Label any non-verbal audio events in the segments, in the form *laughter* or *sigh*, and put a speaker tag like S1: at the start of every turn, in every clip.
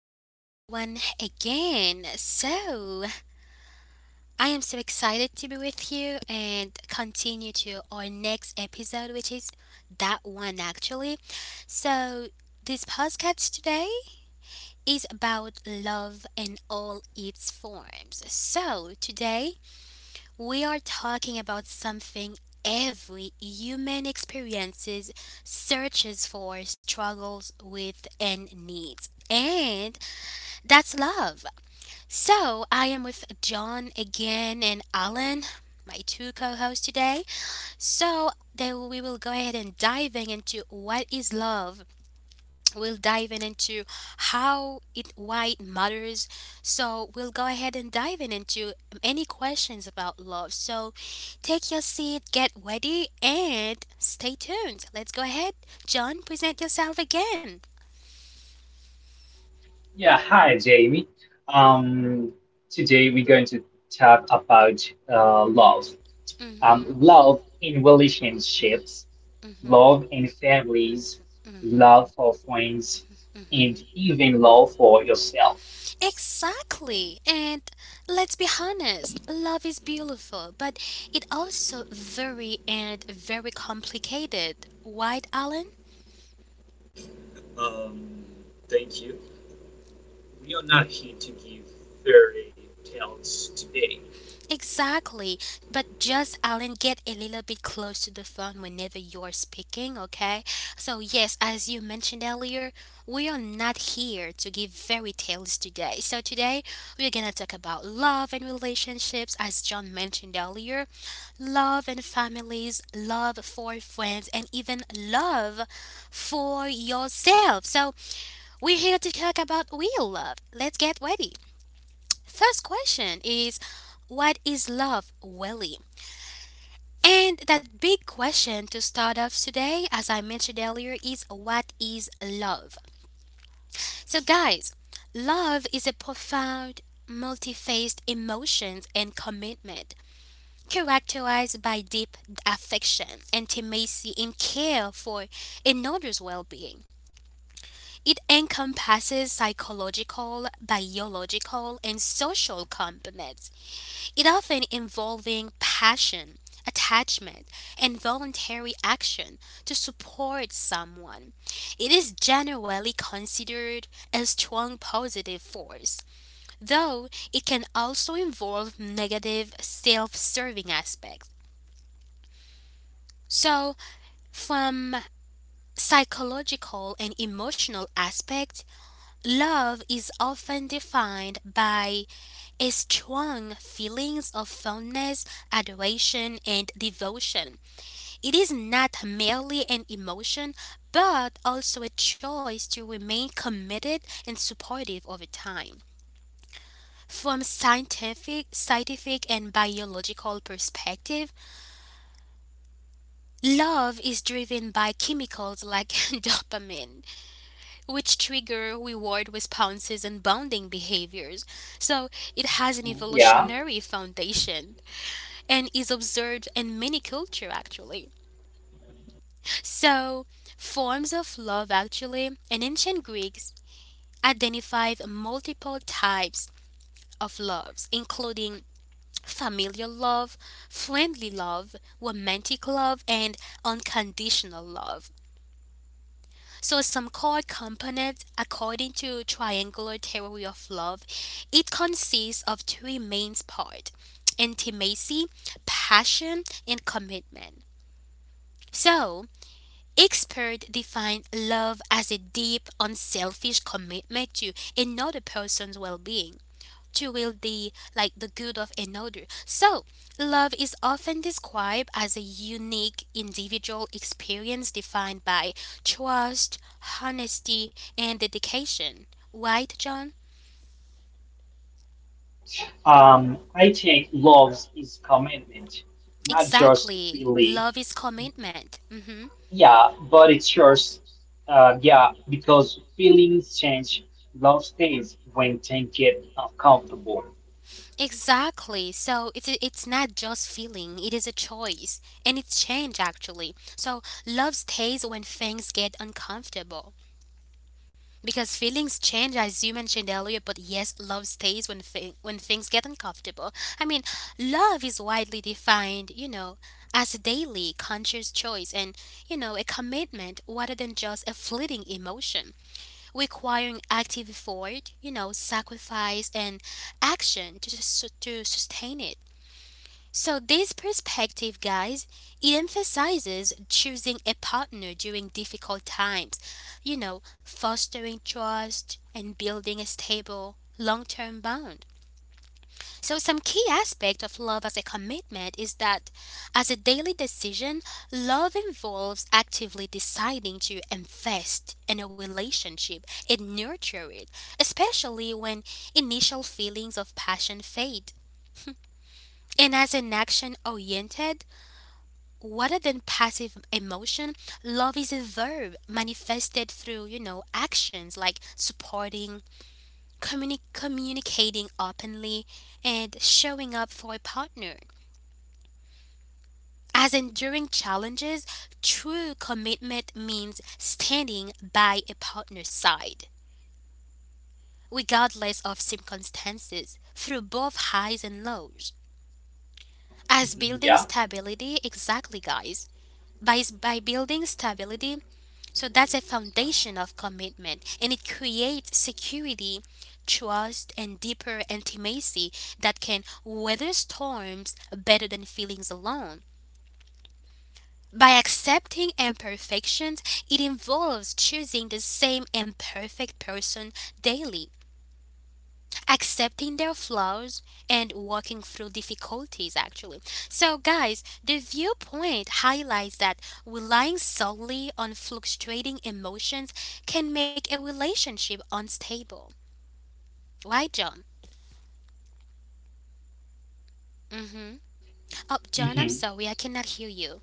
S1: back, everyone, again. I am so excited to be with you and continue to our next episode, which is that one actually. So, this podcast today is about love in all its forms. So, today we are talking about something every human experiences, searches for, struggles with, and needs. And that's love. So, I am with John again and Alan, my two co hosts today. So, we will go ahead and diving into what is love. We'll dive in into how it, why it matters. So, we'll go ahead and dive in into any questions about love. So, take your seat, get ready, and stay tuned. Let's go ahead. John, present yourself again.
S2: Yeah, hi Jamie. Um, Today we're going to talk about love.
S1: Mhm.
S2: Love in relationships,
S1: Mhm.
S2: love in families, love
S1: Mhm.
S2: for friends,
S1: Mhm.
S2: and even love for yourself.
S1: Exactly. And let's be honest, love is beautiful, but it also very and very complicated. Right, Alan?
S3: Um, Thank you. We are not here to give fairy tales today.
S1: Exactly. But just Alan, get a little bit close to the phone whenever you're speaking, okay? So yes, as you mentioned earlier, we are not here to give fairy tales today. So today we're gonna talk about love and relationships, as John mentioned earlier. Love and families, love for friends, and even love for yourself. So, we're here to talk about real love. Let's get ready. First question is, what is love, Willie? And that big question to start off today, as I mentioned earlier, is what is love? So, guys, love is a profound, multi faced emotions and commitment, characterized by deep affection, intimacy, and care for another's well being. It encompasses psychological, biological, and social components, it often involving passion, attachment, and voluntary action to support someone. It is generally considered a strong positive force, though it can also involve negative self serving aspects. So, from psychological and emotional aspect, love is often defined by a strong feelings of fondness, adoration, and devotion. It is not merely an emotion but also a choice to remain committed and supportive over time. From scientific and biological perspective, love is driven by chemicals like *laughs* dopamine, which trigger reward responses and bonding behaviors. So it has an
S2: Yeah.
S1: evolutionary foundation and is observed in many cultures actually. So forms of love actually, in ancient Greeks, identified multiple types of loves, including familial love, friendly love, romantic love, and unconditional love. So some core components, according to triangular theory of love, it consists of three main parts: intimacy, passion, and commitment. So, experts define love as a deep, unselfish commitment to another person's well-being, to will the like the good of another. So, love is often described as a unique individual experience defined by trust, honesty, and dedication. Right, John?
S2: I think love is commitment, not just
S1: Exactly.
S2: feeling.
S1: Love is commitment. Hmm.
S2: Yeah, but it's yours. Yeah, because feelings change, love stays when things get uncomfortable.
S1: Exactly. So it's not just feeling; it is a choice, and it's change actually. So love stays when things get uncomfortable. Because feelings change, as you mentioned earlier, but yes, love stays when when things get uncomfortable. I mean, love is widely defined, you know, as a daily conscious choice and, you know, a commitment rather than just a fleeting emotion, requiring active effort, you know, sacrifice and action to sustain it. So, this perspective, guys, it emphasizes choosing a partner during difficult times, you know, fostering trust and building a stable long term bond. So, some key aspect of love as a commitment is that, as a daily decision, love involves actively deciding to invest in a relationship and nurture it, especially when initial feelings of passion fade. And as an action oriented, rather than passive emotion, love is a verb manifested through, you know, actions like supporting, communicating openly, and showing up for a partner. As enduring challenges, true commitment means standing by a partner's side, regardless of circumstances, through both highs and lows. As building
S2: Yeah.
S1: stability, exactly, guys. By building stability, so that's a foundation of commitment, and it creates security, trust, and deeper intimacy that can weather storms better than feelings alone. By accepting imperfections, it involves choosing the same imperfect person daily, accepting their flaws and working through difficulties actually. So guys, the viewpoint highlights that relying solely on fluctuating emotions can make a relationship unstable. Right, John? Mm-hmm. Oh, John, I'm
S2: hmm
S1: sorry, I cannot hear you.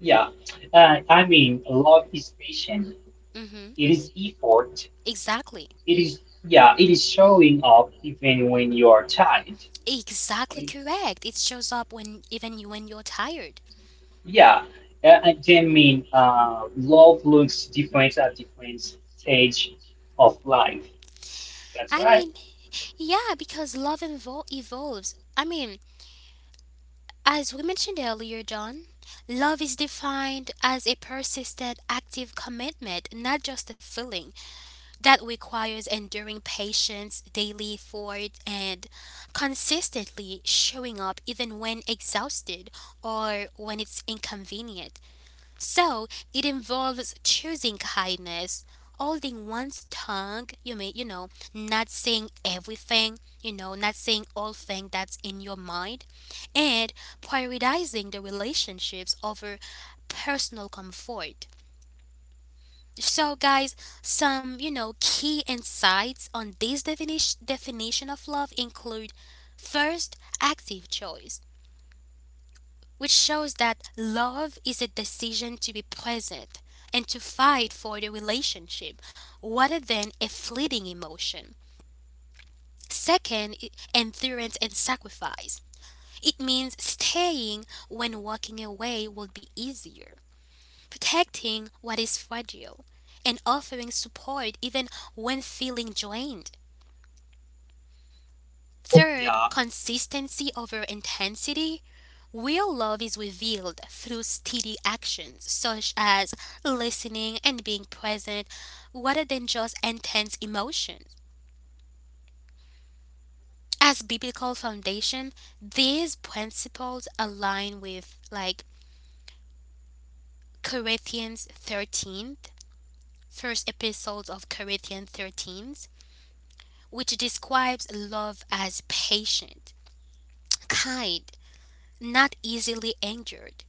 S2: Yeah. I mean, love is patient.
S1: Mm-hmm.
S2: It is effort.
S1: Exactly.
S2: It is, yeah, it is showing up even when you are tired.
S1: Exactly
S2: And
S1: correct. It shows up when even you're tired.
S2: yeah, love looks different at different stage of life. That's
S1: I
S2: right.
S1: mean, yeah, because love evolves. I mean, as we mentioned earlier, John, love is defined as a persistent, active commitment, not just a feeling, that requires enduring patience, daily effort, and consistently showing up even when exhausted or when it's inconvenient. So it involves choosing kindness, holding one's tongue, you may you know, not saying everything, you know, not saying all thing that's in your mind, and prioritizing the relationships over personal comfort. So guys, some you know key insights on this definition of love include, first, active choice, which shows that love is a decision to be present and to fight for the relationship rather than a fleeting emotion. Second, endurance and sacrifice. It means staying when walking away will be easier, protecting what is fragile, and offering support even when feeling drained. Third,
S3: Yeah.
S1: consistency over intensity. Real love is revealed through steady actions such as listening and being present rather than just intense emotions. As biblical foundation, these principles align with like Corinthians 13, first episode of Corinthians 13, which describes love as patient, kind, not easily angered,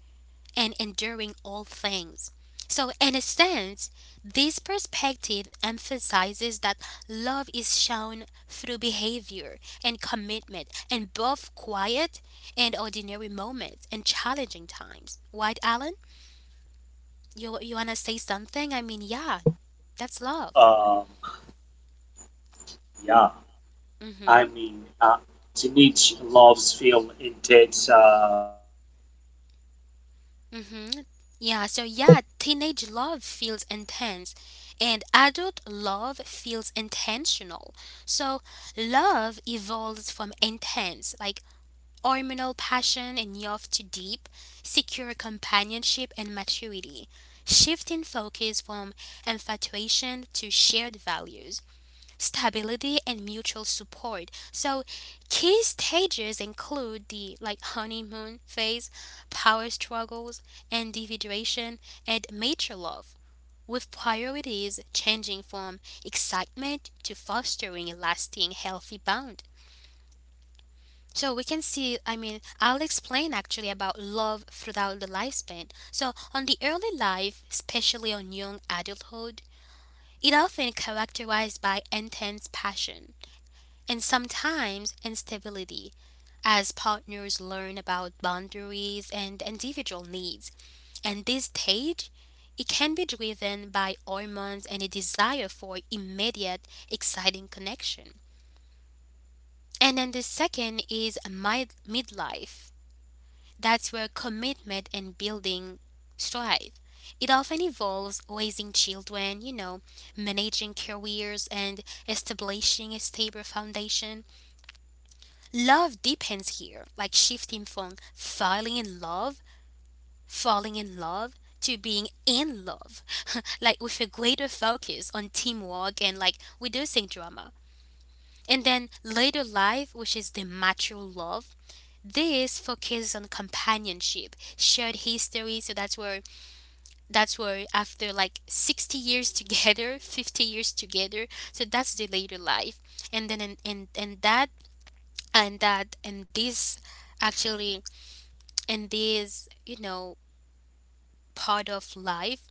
S1: and enduring all things. So, in a sense, this perspective emphasizes that love is shown through behavior and commitment in both quiet and ordinary moments and challenging times. Right, Alan? You want to say something? I mean, yeah, that's love.
S3: Um, yeah,
S1: Mm
S3: I
S1: hmm.
S3: mean, uh, Teenage loves film intense.
S1: Mm-hmm. Yeah, so yeah, teenage love feels intense and adult love feels intentional. So love evolves from intense, like hormonal passion and youth, to deep, secure companionship and maturity, shifting focus from infatuation to shared values, stability, and mutual support. So key stages include the like honeymoon phase, power struggles, individuation, and mature love, with priorities changing from excitement to fostering a lasting healthy bond. So we can see, I mean, I'll explain actually about love throughout the lifespan. So on the early life, especially on young adulthood, it often characterized by intense passion and sometimes instability as partners learn about boundaries and individual needs. And this stage, it can be driven by hormones and a desire for immediate, exciting connection. And then the second is midlife. That's where commitment and building strive. It often involves raising children, you know, managing careers, and establishing a stable foundation. Love depends here, like shifting from falling in love to being in love, *laughs* like with a greater focus on teamwork and like reducing drama. And then later life, which is the mature love, this focuses on companionship, shared history. So that's where after like 60 years together, *laughs* 50 years together. So that's the later life, and then and that and that and this actually and this, you know, part of life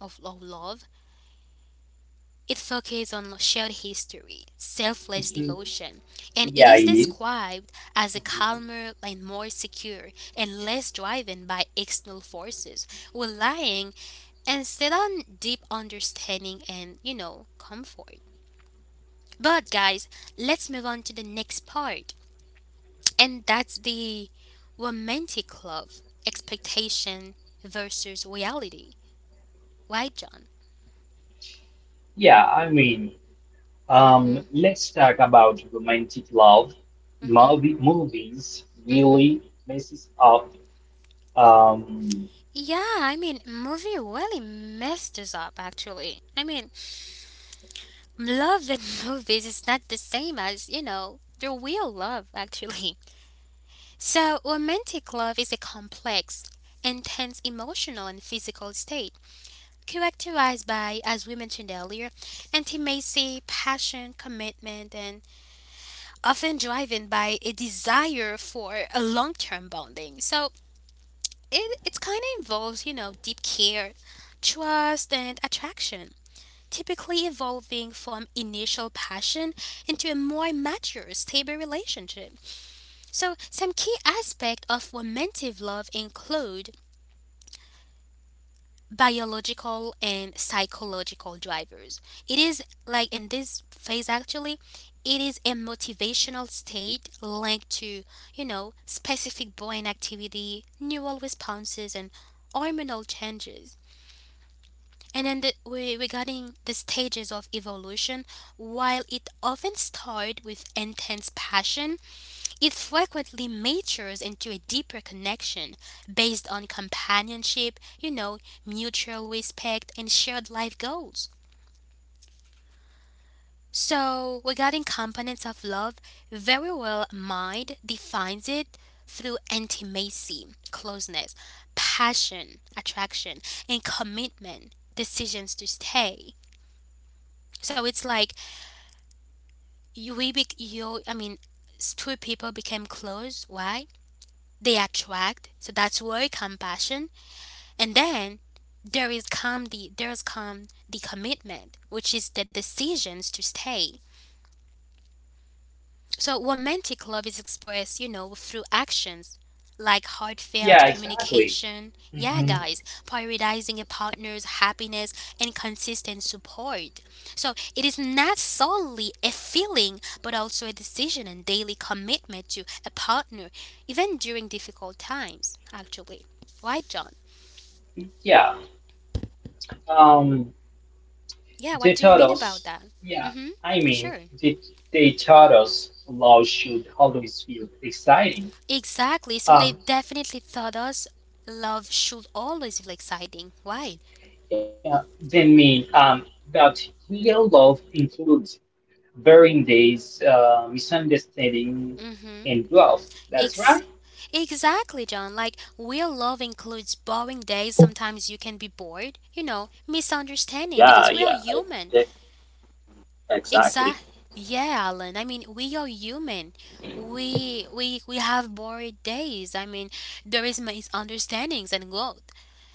S1: of, of love. It focuses on shared history, selfless
S2: Mhm.
S1: devotion, and it
S2: Yeah,
S1: is
S2: it is.
S1: described as a
S2: Mhm.
S1: calmer and more secure and less driven by external forces, relying instead on deep understanding and, you know, comfort. But guys, let's move on to the next part, and that's the romantic love, expectation versus reality. Right, John?
S2: Yeah, I mean,
S1: Mhm.
S2: let's talk about romantic love.
S1: Mhm.
S2: Movies
S1: Mhm.
S2: really messes up. Um,
S1: Yeah, I mean, movie really messed us up actually. I mean, love in *laughs* movies is not the same as, you know, the real love actually. *laughs* So, romantic love is a complex, intense emotional and physical state characterized by, as we mentioned earlier, intimacy, passion, commitment, and often driven by a desire for a long term bonding. So, it kind of involves, you know, deep care, trust, and attraction, typically evolving from initial passion into a more mature, stable relationship. So, some key aspects of romantic love include biological and psychological drivers. It is like in this phase actually, it is a motivational state linked to, you know, specific brain activity, neural responses, and hormonal changes. And then regarding the stages of evolution, while it often starts with intense passion, it frequently matures into a deeper connection based on companionship, you know, mutual respect, and shared life goals. So, regarding components of love, very well mind defines it through intimacy, closeness, passion, attraction, and commitment, decisions to stay. So it's like you we bec you I mean two people became close. Why? They attract. So that's where compassion. And then there's come the commitment, which is the decisions to stay. So, romantic love is expressed, you know, through actions like heartfelt
S2: yeah, exactly.
S1: communication, yeah,
S2: hmm
S1: guys, prioritizing a partner's happiness and consistent support. So, it is not solely a feeling, but also a decision and daily commitment to a partner, even during difficult times, actually. Right, John?
S2: Yeah. Um,
S1: Yeah,
S2: they
S1: what do you
S2: taught
S1: mean about
S2: us.
S1: that?
S2: Yeah,
S1: Mm hmm,
S2: I mean,
S1: sure.
S2: they, they taught us love should always feel exciting.
S1: Exactly. So
S2: Um,
S1: they definitely thought us love should always feel exciting. Why?
S2: yeah, they mean that real love includes bearing days, misunderstanding,
S1: Mm-hmm.
S2: and growth. That's
S1: Ex-
S2: right.
S1: exactly, John. Like, real love includes boring days. Sometimes you can be bored, you know, misunderstanding,
S3: yeah,
S1: because we are
S3: yeah,
S1: human.
S3: I, e- exactly.
S1: Exactly. Yeah, Alan. I mean, we are human. We have bored days. I mean, there is misunderstandings and growth.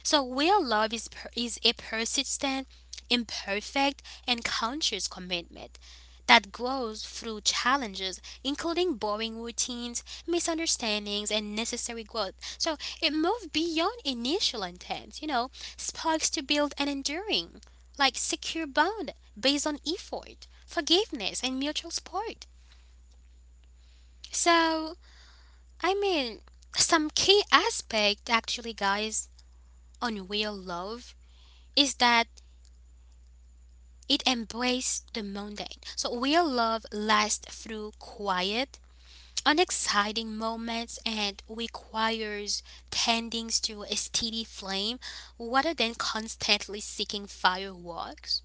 S1: So real love is a persistent, imperfect, and conscious commitment that grows through challenges, including boring routines, misunderstandings, and necessary growth. So it moves beyond initial intent, you know, sparks to build an enduring, like secure bond based on effort, forgiveness, and mutual support. So, I mean, some key aspect actually, guys, on real love is that it embraces the mundane. So, real love lasts through quiet, unexciting moments and requires tending to a steady flame rather than constantly seeking fireworks.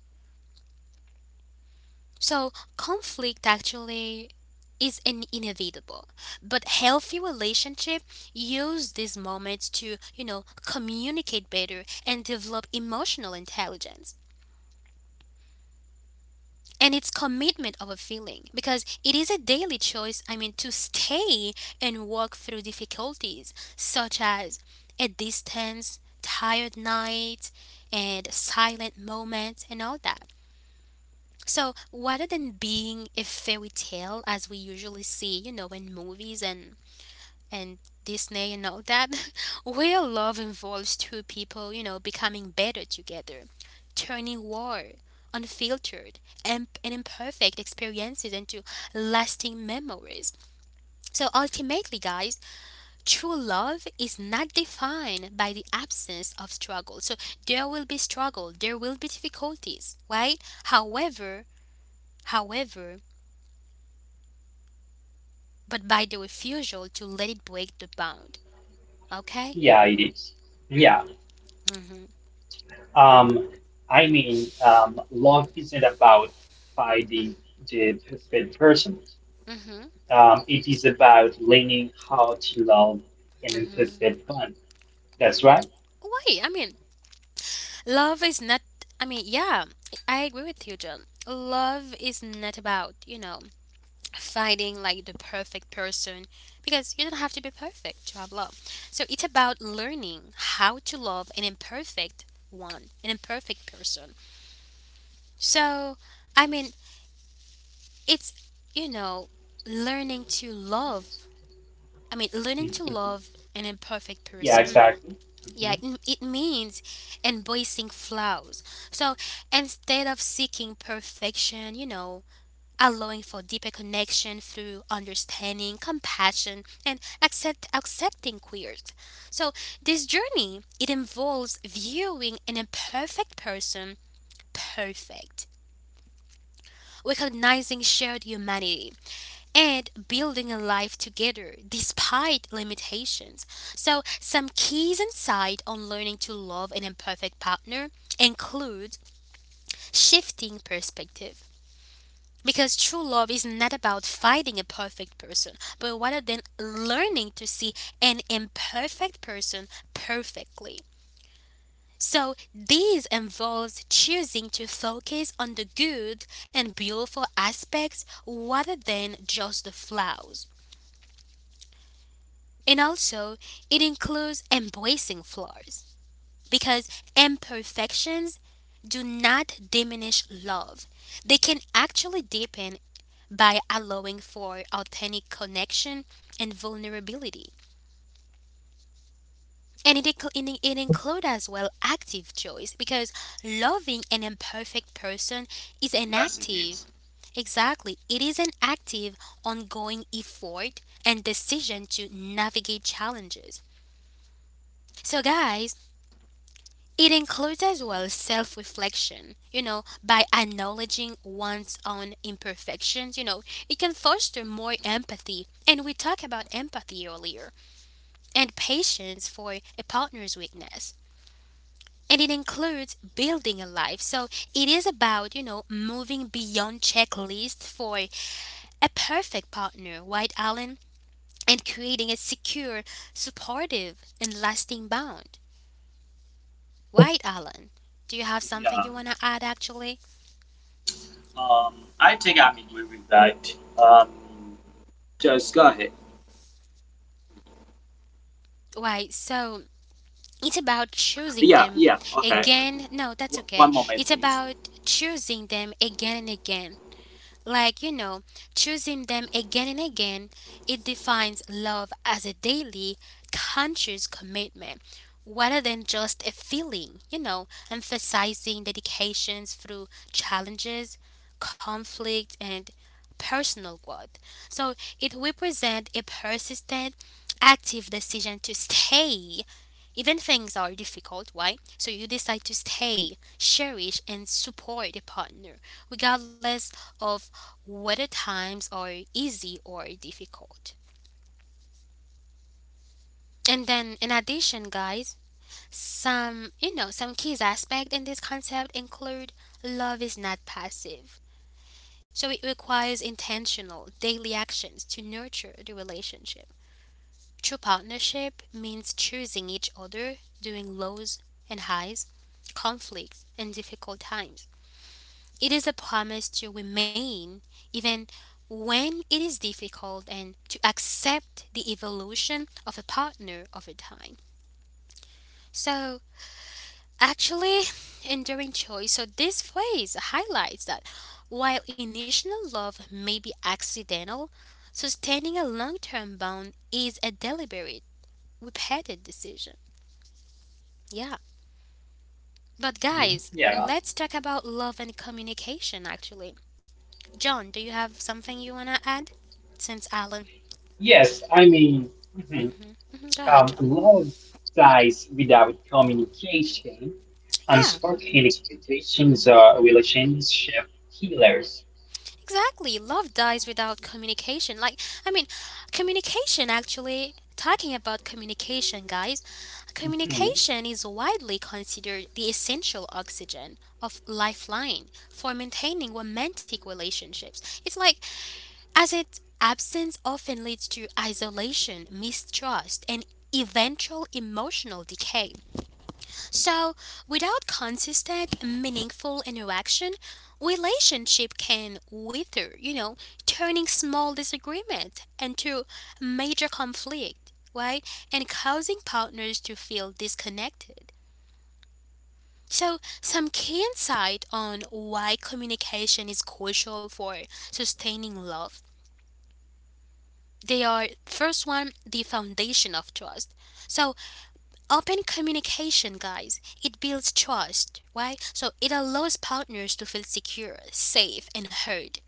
S1: So, conflict actually is an inevitable, but healthy relationship use these moments to, you know, communicate better and develop emotional intelligence. And it's commitment of a feeling because it is a daily choice, I mean, to stay and walk through difficulties such as a distance, tired night, and silent moments, and all that. So, rather than being a fairy tale as we usually see, you know, in movies and Disney and all that, *laughs* real love involves two people, you know, becoming better together, turning war, unfiltered, and imperfect experiences into lasting memories. So, ultimately, guys, true love is not defined by the absence of struggle. So, there will be struggle, there will be difficulties, right? However, however, but by the refusal to let it break the bound. Okay?
S2: Yeah, it is. Yeah.
S1: Mm-hmm.
S2: Um, Love isn't about finding the perfect person.
S1: Mm-hmm.
S2: It is about learning how to love and
S1: Mm-hmm.
S2: anticipate fun. That's right.
S1: Wait, I mean, love is not, I mean, yeah, I agree with you, John. Love is not about, you know, finding like the perfect person because you don't have to be perfect to have love. So it's about learning how to love an imperfect one, an imperfect person. So, I mean, it's, you know, learning to love I mean, learning to
S2: Mhm.
S1: love an imperfect
S2: Yeah,
S1: person,
S2: exactly. hmm
S1: yeah, it means embracing flaws. So instead of seeking perfection, you know, allowing for deeper connection through understanding, compassion, and accepting queers. So this journey it involves viewing an imperfect person perfect, recognizing shared humanity and building a life together despite limitations. So, some keys insight on learning to love an imperfect partner include shifting perspective. Because true love is not about fighting a perfect person, but rather than learning to see an imperfect person perfectly. So, this involves choosing to focus on the good and beautiful aspects rather than just the flaws. And also, it includes embracing flaws because imperfections do not diminish love. They can actually deepen by allowing for authentic connection and vulnerability. And it includes as well active choice because loving an imperfect person is an
S3: Yes, it
S1: active
S3: is.
S1: Exactly. It is an active, ongoing effort and decision to navigate challenges. So, guys, it includes as well self reflection, you know, by acknowledging one's own imperfections, you know, it can foster more empathy. And we talked about empathy earlier, and patience for a partner's weakness. And it includes building a life. So it is about, you know, moving beyond checklists for a perfect partner, right, Alan? And creating a secure, supportive, and lasting bond. Right, Alan? Do you have something
S3: Yeah.
S1: you want to add actually?
S3: Um, I think I'm agree with that. Um, just go ahead.
S1: Why, so it's about choosing
S3: Yeah,
S1: them
S3: yeah. Okay.
S1: again. No, that's okay.
S3: One moment,
S1: It's
S3: please.
S1: about choosing them again and again. Like, you know, choosing them again and again, it defines love as a daily, conscious commitment rather than just a feeling, you know, emphasizing dedications through challenges, conflict, and personal growth. So it represents a persistent, active decision to stay even things are difficult, why? So you decide to stay, cherish, and support a partner, regardless of whether times are easy or difficult. And then, in addition, guys, some you know some key aspect in this concept include love is not passive, so it requires intentional daily actions to nurture the relationship. True partnership means choosing each other during lows and highs, conflicts, and difficult times. It is a promise to remain even when it is difficult and to accept the evolution of a partner over time. So, actually, enduring choice, so this phrase highlights that while initial love may be accidental, sustaining a long term bond is a deliberate, repeated decision. Yeah. But guys, let's talk
S2: Yeah.
S1: about love and communication actually. John, do you have something you want to add? Since Alan.
S2: Yes, I mean, mhm.
S1: Mhm, go ahead, John.
S2: Love dies without communication.
S1: Yeah,
S2: Unspoken expectations are relationship killers.
S1: exactly. Love dies without communication. Like, I mean, communication actually, talking about communication, guys,
S2: hmm
S1: communication is widely considered the essential oxygen of lifeline for maintaining romantic relationships. It's like as its absence often leads to isolation, mistrust, and eventual emotional decay. So, without consistent, meaningful interaction, relationship can wither, you know, turning small disagreement into major conflict, right? And causing partners to feel disconnected. So, some key insight on why communication is crucial for sustaining love. They are first one the foundation of trust. So open communication, guys, it builds trust, right? So it allows partners to feel secure, safe, and heard.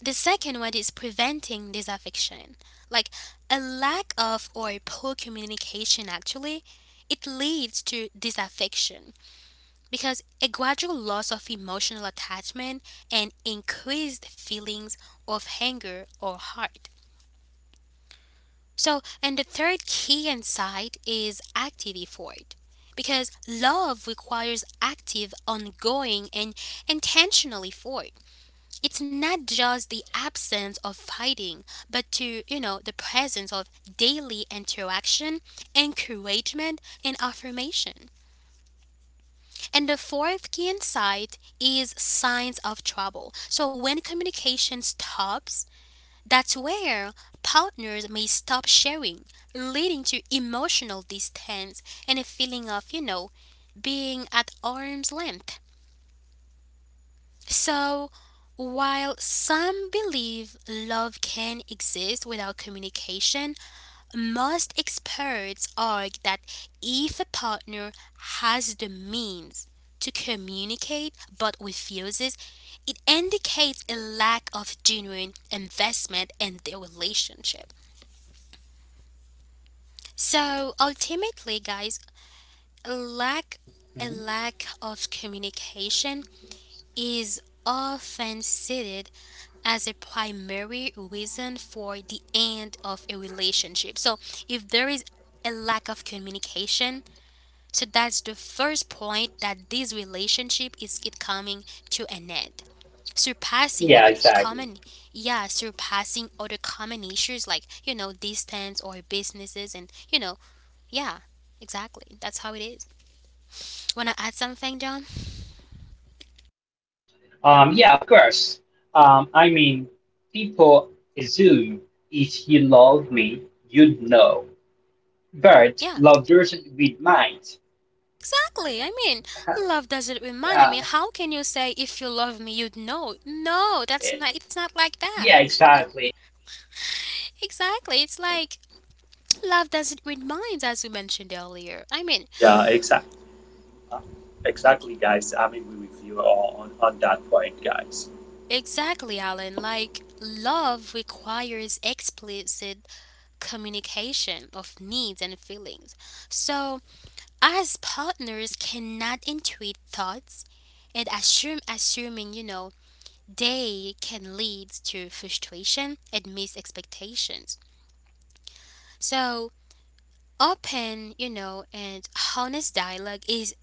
S1: The second one is preventing disaffection. Like a lack of or poor communication actually it leads to disaffection because a gradual loss of emotional attachment and increased feelings of anger or hurt. So, and the third key insight is active effort. Because love requires active, ongoing, and intentional effort. It's not just the absence of fighting, but to, you know, the presence of daily interaction, encouragement, and affirmation. And the fourth key insight is signs of trouble. So when communication stops, that's where partners may stop sharing, leading to emotional distance and a feeling of, you know, being at arm's length. So, while some believe love can exist without communication, most experts argue that if a partner has the means to communicate but refuses, it indicates a lack of genuine investment in their relationship. So ultimately, guys, a lack a
S2: hmm
S1: lack of communication is often cited as a primary reason for the end of a relationship. So if there is a lack of communication, so that's the first point that this relationship is it coming to an end. Surpassing
S2: Yeah,
S1: other
S2: exactly.
S1: common yeah, surpassing other common issues like, you know, distance or businesses and, you know, yeah, exactly. That's how it is. Wanna add something, John?
S2: Yeah, of course. I mean, people assume if you love me, you'd know. But
S1: Yeah,
S2: love doesn't read minds.
S1: exactly. I mean,
S2: *laughs*
S1: love doesn't remind. I
S2: Uh,
S1: mean, how can you say if you love me, you'd know? No, that's not. It's not like that.
S2: yeah, exactly.
S1: Exactly. It's like love doesn't remind, as we mentioned earlier. I mean,
S3: Yeah, exactly. Exactly, guys. I'm agree with you on that point, guys.
S1: exactly, Alan. Like love requires explicit communication of needs and feelings. So, as partners, cannot intuit thoughts and assume assuming you know they can lead to frustration and missed expectations. So, open, you know, and honest dialogue is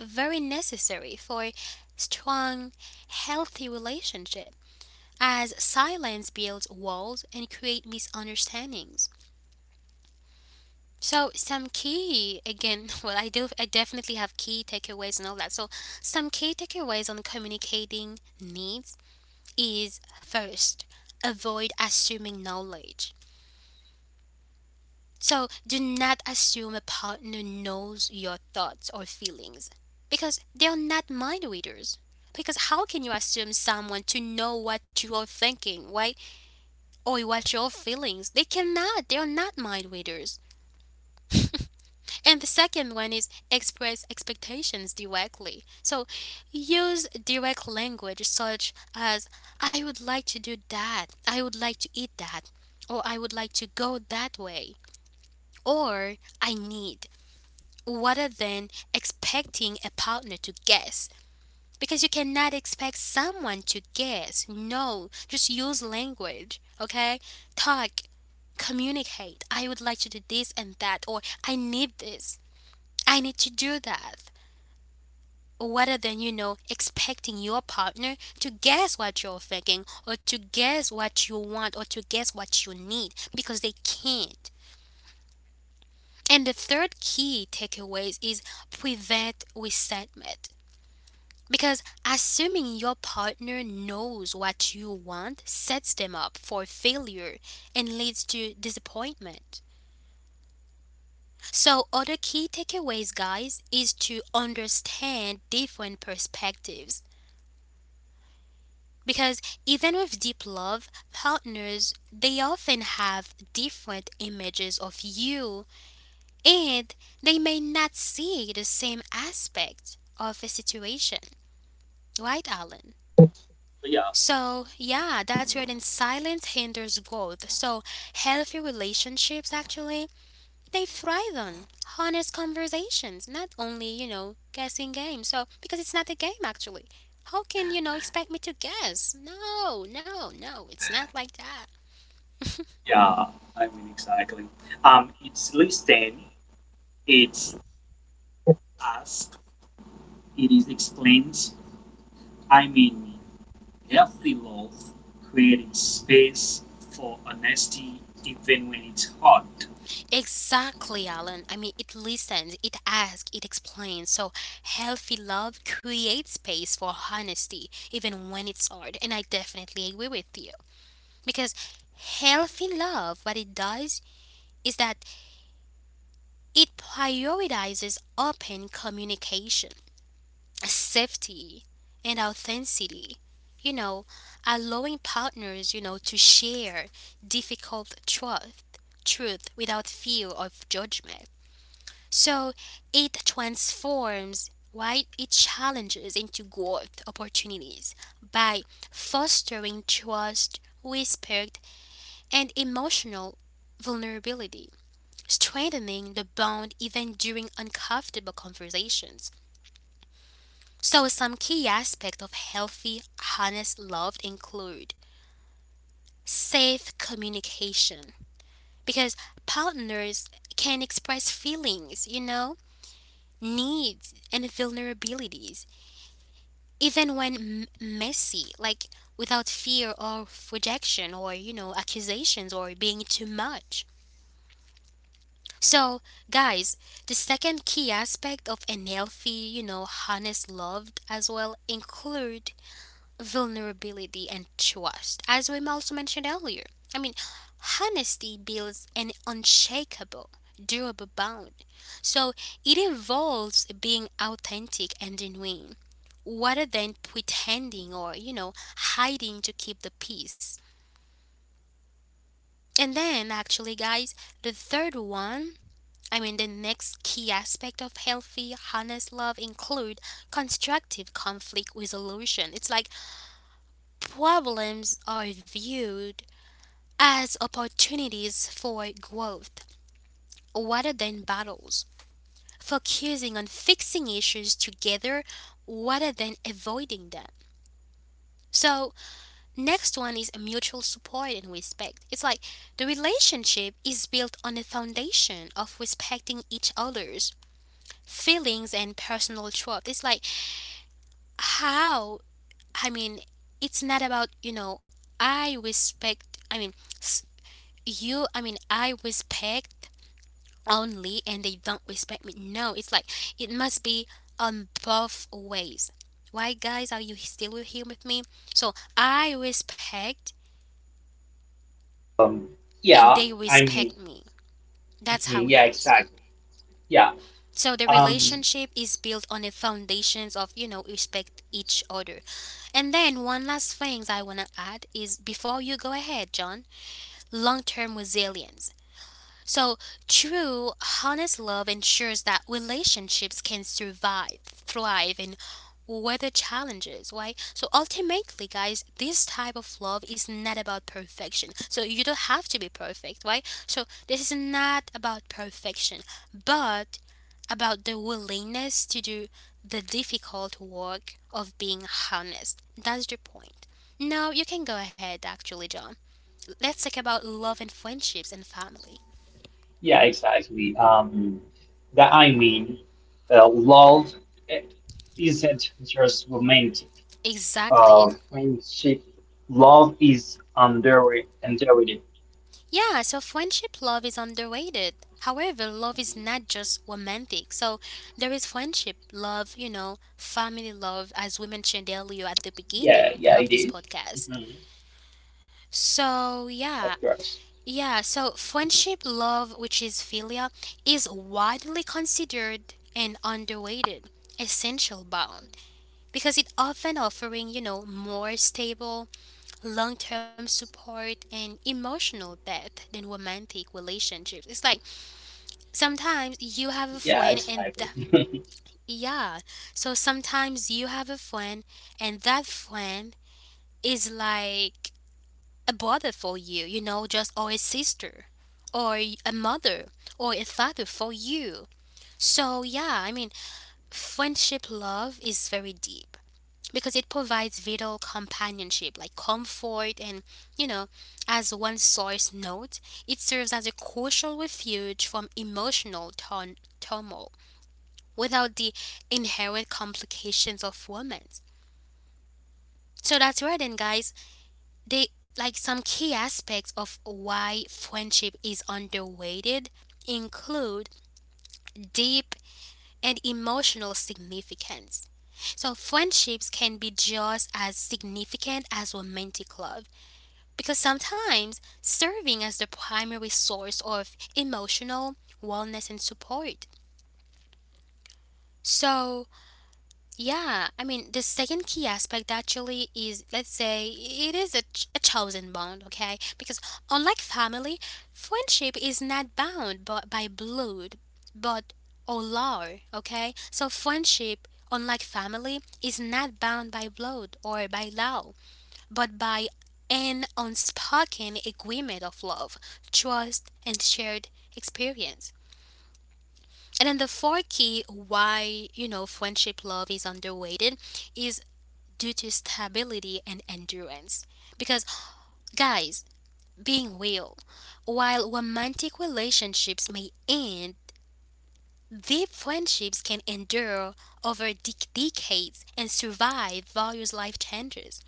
S1: very necessary for strong, healthy relationship as silence builds walls and create misunderstandings. So some key again, *laughs* well I definitely have key takeaways and all that. So some key takeaways on communicating needs is first, avoid assuming knowledge. So do not assume a partner knows your thoughts or feelings because they are not mind readers. Because how can you assume someone to know what you are thinking, right? Or what your feelings? They cannot. They are not mind readers. And the second one is express expectations directly. So use direct language such as I would like to do that. I would like to eat that. Or I would like to go that way. Or I need, rather than expecting a partner to guess. Because you cannot expect someone to guess. No, just use language, okay? Talk, communicate. I would like to do this and that, or I need this, I need to do that. Rather than, you know, expecting your partner to guess what you're thinking, or to guess what you want, or to guess what you need, because they can't. And the third key takeaways is prevent resentment. Because assuming your partner knows what you want sets them up for failure and leads to disappointment. So, other key takeaways, guys, is to understand different perspectives. Because even with deep love, partners they often have different images of you and they may not see the same aspect of a situation. Right, Alan?
S3: But yeah.
S1: So, yeah, that's where then silence hinders growth. So, healthy relationships actually, they thrive on honest conversations, not only, you know, guessing games. So, because it's not a game actually. How can, you know, expect me to guess? No, no, no, it's not like that.
S3: Yeah, exactly. It's listed, it's asked, it is explained. I mean, healthy love creates space for honesty, even when it's hard.
S1: Exactly, Alan. I mean, it listens, it asks, it explains. So, healthy love creates space for honesty, even when it's hard. And I definitely agree with you. Because healthy love, what it does is that it prioritizes open communication, safety, and authenticity. You know, allowing partners, you know, to share difficult truth without fear of judgment. So it transforms, right? It challenges into growth opportunities by fostering trust, respect, and emotional vulnerability, strengthening the bond even during uncomfortable conversations. So, some key aspects of healthy, honest love include safe communication, because partners can express feelings, you know, needs, and vulnerabilities, even when messy, like without fear of rejection or, you know, accusations or being too much. So, guys, the second key aspect of an healthy, you know, honest love as well include vulnerability and trust, as we also mentioned earlier. I mean, honesty builds an unshakable, durable bond. So it involves being authentic and genuine, rather than pretending or, you know, hiding to keep the peace. And then, actually, guys, the third one, I mean, the next key aspect of healthy, honest love include constructive conflict resolution. It's like problems are viewed as opportunities for growth rather than battles, focusing on fixing issues together rather than avoiding them. So, next one is mutual support and respect. It's like the relationship is built on a foundation of respecting each other's feelings and personal truth. It's like how, I mean, it's not about, you know, I respect. I mean, s- you. I mean, I respect only, and they don't respect me. No, it's like it must be on both ways. Why, guys? Are you still here with me? So I respect,
S2: Um,
S1: and
S2: yeah,
S1: they
S2: I mean,
S1: respect me. That's how
S2: mhm,
S1: it
S2: yeah,
S1: is.
S2: exactly. Yeah,
S1: So the
S2: um,
S1: relationship is built on the foundations of, you know, respect each other. And then one last thing I want to add is before you go ahead, John, long-term resilience. So, true, honest love ensures that relationships can survive, thrive, and weather challenges, right? So, ultimately, guys, this type of love is not about perfection. So, you don't have to be perfect, right? So, this is not about perfection, but about the willingness to do the difficult work of being honest. That's the point. Now, you can go ahead, actually, John. Let's talk about love and friendships and family.
S2: yeah, exactly. That I mean, Love i- isn't just romantic.
S1: Exactly.
S2: Friendship, love is underrated.
S1: Yeah, so friendship love is underrated. However, love is
S2: Mhm.
S1: not just romantic. So there is friendship love, you know, family love, as we mentioned earlier at the
S2: Yeah,
S1: beginning
S2: yeah, it
S1: of this
S2: is.
S1: podcast.
S2: Mhm, of course.
S1: So, yeah.
S2: Mhm.
S1: Yeah, so friendship love, which is philia, is widely considered an underrated essential bond because it often offering, you know, more stable long term support and emotional depth than romantic relationships. It's like
S2: Yeah, exactly.
S1: sometimes you
S2: *laughs*
S1: have a friend and yeah, so sometimes you have a friend and that friend is like a brother for you, you know, just or a sister or a mother or a father for you. So yeah, I mean, friendship love is very deep, because it provides vital companionship like comfort and, you know, as one source note, it serves as a crucial refuge from emotional turmoil without the inherent complications of romance. So that's right then, guys, they like some key aspects of why friendship is underrated include deep and emotional significance. So friendships can be just as significant as romantic love, because sometimes serving as the primary source of emotional wellness and support. So, yeah, I mean, the second key aspect actually is, let's say, it is a, a chosen bond, okay? Because unlike family, friendship is not bound by, blood, but or law, okay? So, friendship, unlike family, is not bound by blood or by law but by an unspoken agreement of love, trust, and shared experience. And then the fourth key why, you know, friendship love is underrated is due to stability and endurance. Because, guys, being real, while romantic relationships may end, deep friendships can endure over decades and survive various life changes.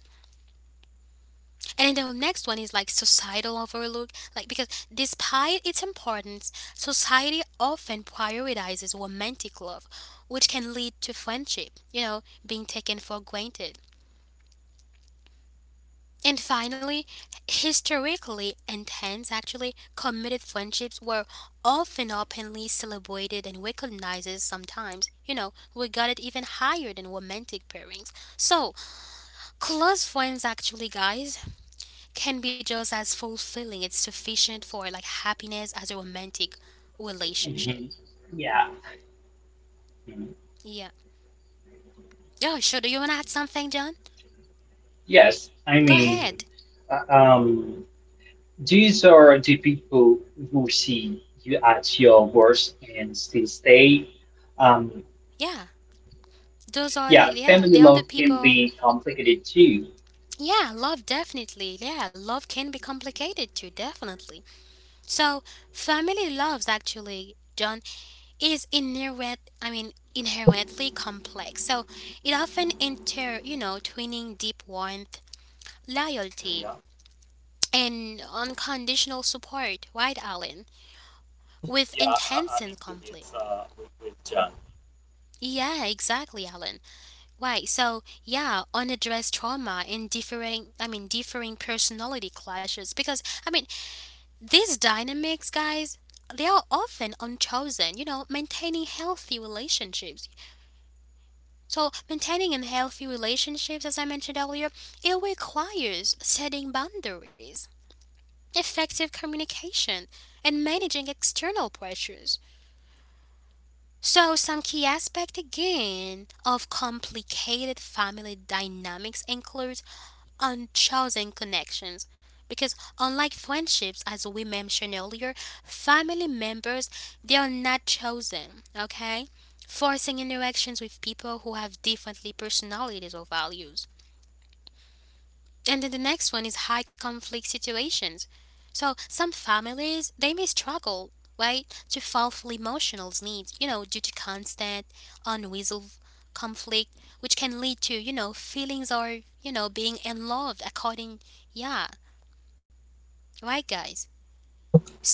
S1: And then the next one is like societal overlook, like because despite its importance, society often prioritizes romantic love, which can lead to friendship, you know, being taken for granted. And finally, historically intense actually committed friendships were often openly celebrated and recognized sometimes, you know, regarded even higher than romantic pairings. So, close friends actually, guys, can be just as fulfilling. It's sufficient for like happiness as a romantic relationship.
S2: Mhm. Yeah. Mm-hmm.
S1: Yeah. Oh, sure. Do you want to add something, John?
S2: Yes, I
S1: Go
S2: mean,
S1: ahead.
S2: uh, um, these are the people who see you at your worst and still stay. Um,
S1: Yeah. Those are
S2: yeah,
S1: like, yeah,
S2: family
S1: the
S2: love
S1: other
S2: can
S1: people.
S2: be complicated too.
S1: Yeah, love definitely. Yeah, love can be complicated too, definitely. So, family loves actually, John, is inherent, I mean, inherently complex. So, it often inter, you know, twinning deep warmth,
S3: Yeah,
S1: loyalty, and unconditional support, right, Alan? With intense
S3: I'm
S1: and
S3: agree
S1: conflict.
S3: with John.
S1: Yeah, exactly, Alan. Right. So, yeah, unaddressed trauma and differing, I mean, differing personality clashes. Because, I mean, these dynamics, guys, they are often unchosen, you know, maintaining healthy relationships. So, maintaining in healthy relationships, as I mentioned earlier, it requires setting boundaries, effective communication, and managing external pressures. So, some key aspect again of complicated family dynamics includes unchosen connections. Because unlike friendships, as we mentioned earlier, family members they are not chosen. Okay, forcing interactions with people who have differently personalities or values. And then the next one is high conflict situations. So some families they may struggle, right, to fulfill emotional needs, you know, due to constant unresolved conflict, which can lead to, you know, feelings or, you know, being unloved according yeah. Right guys.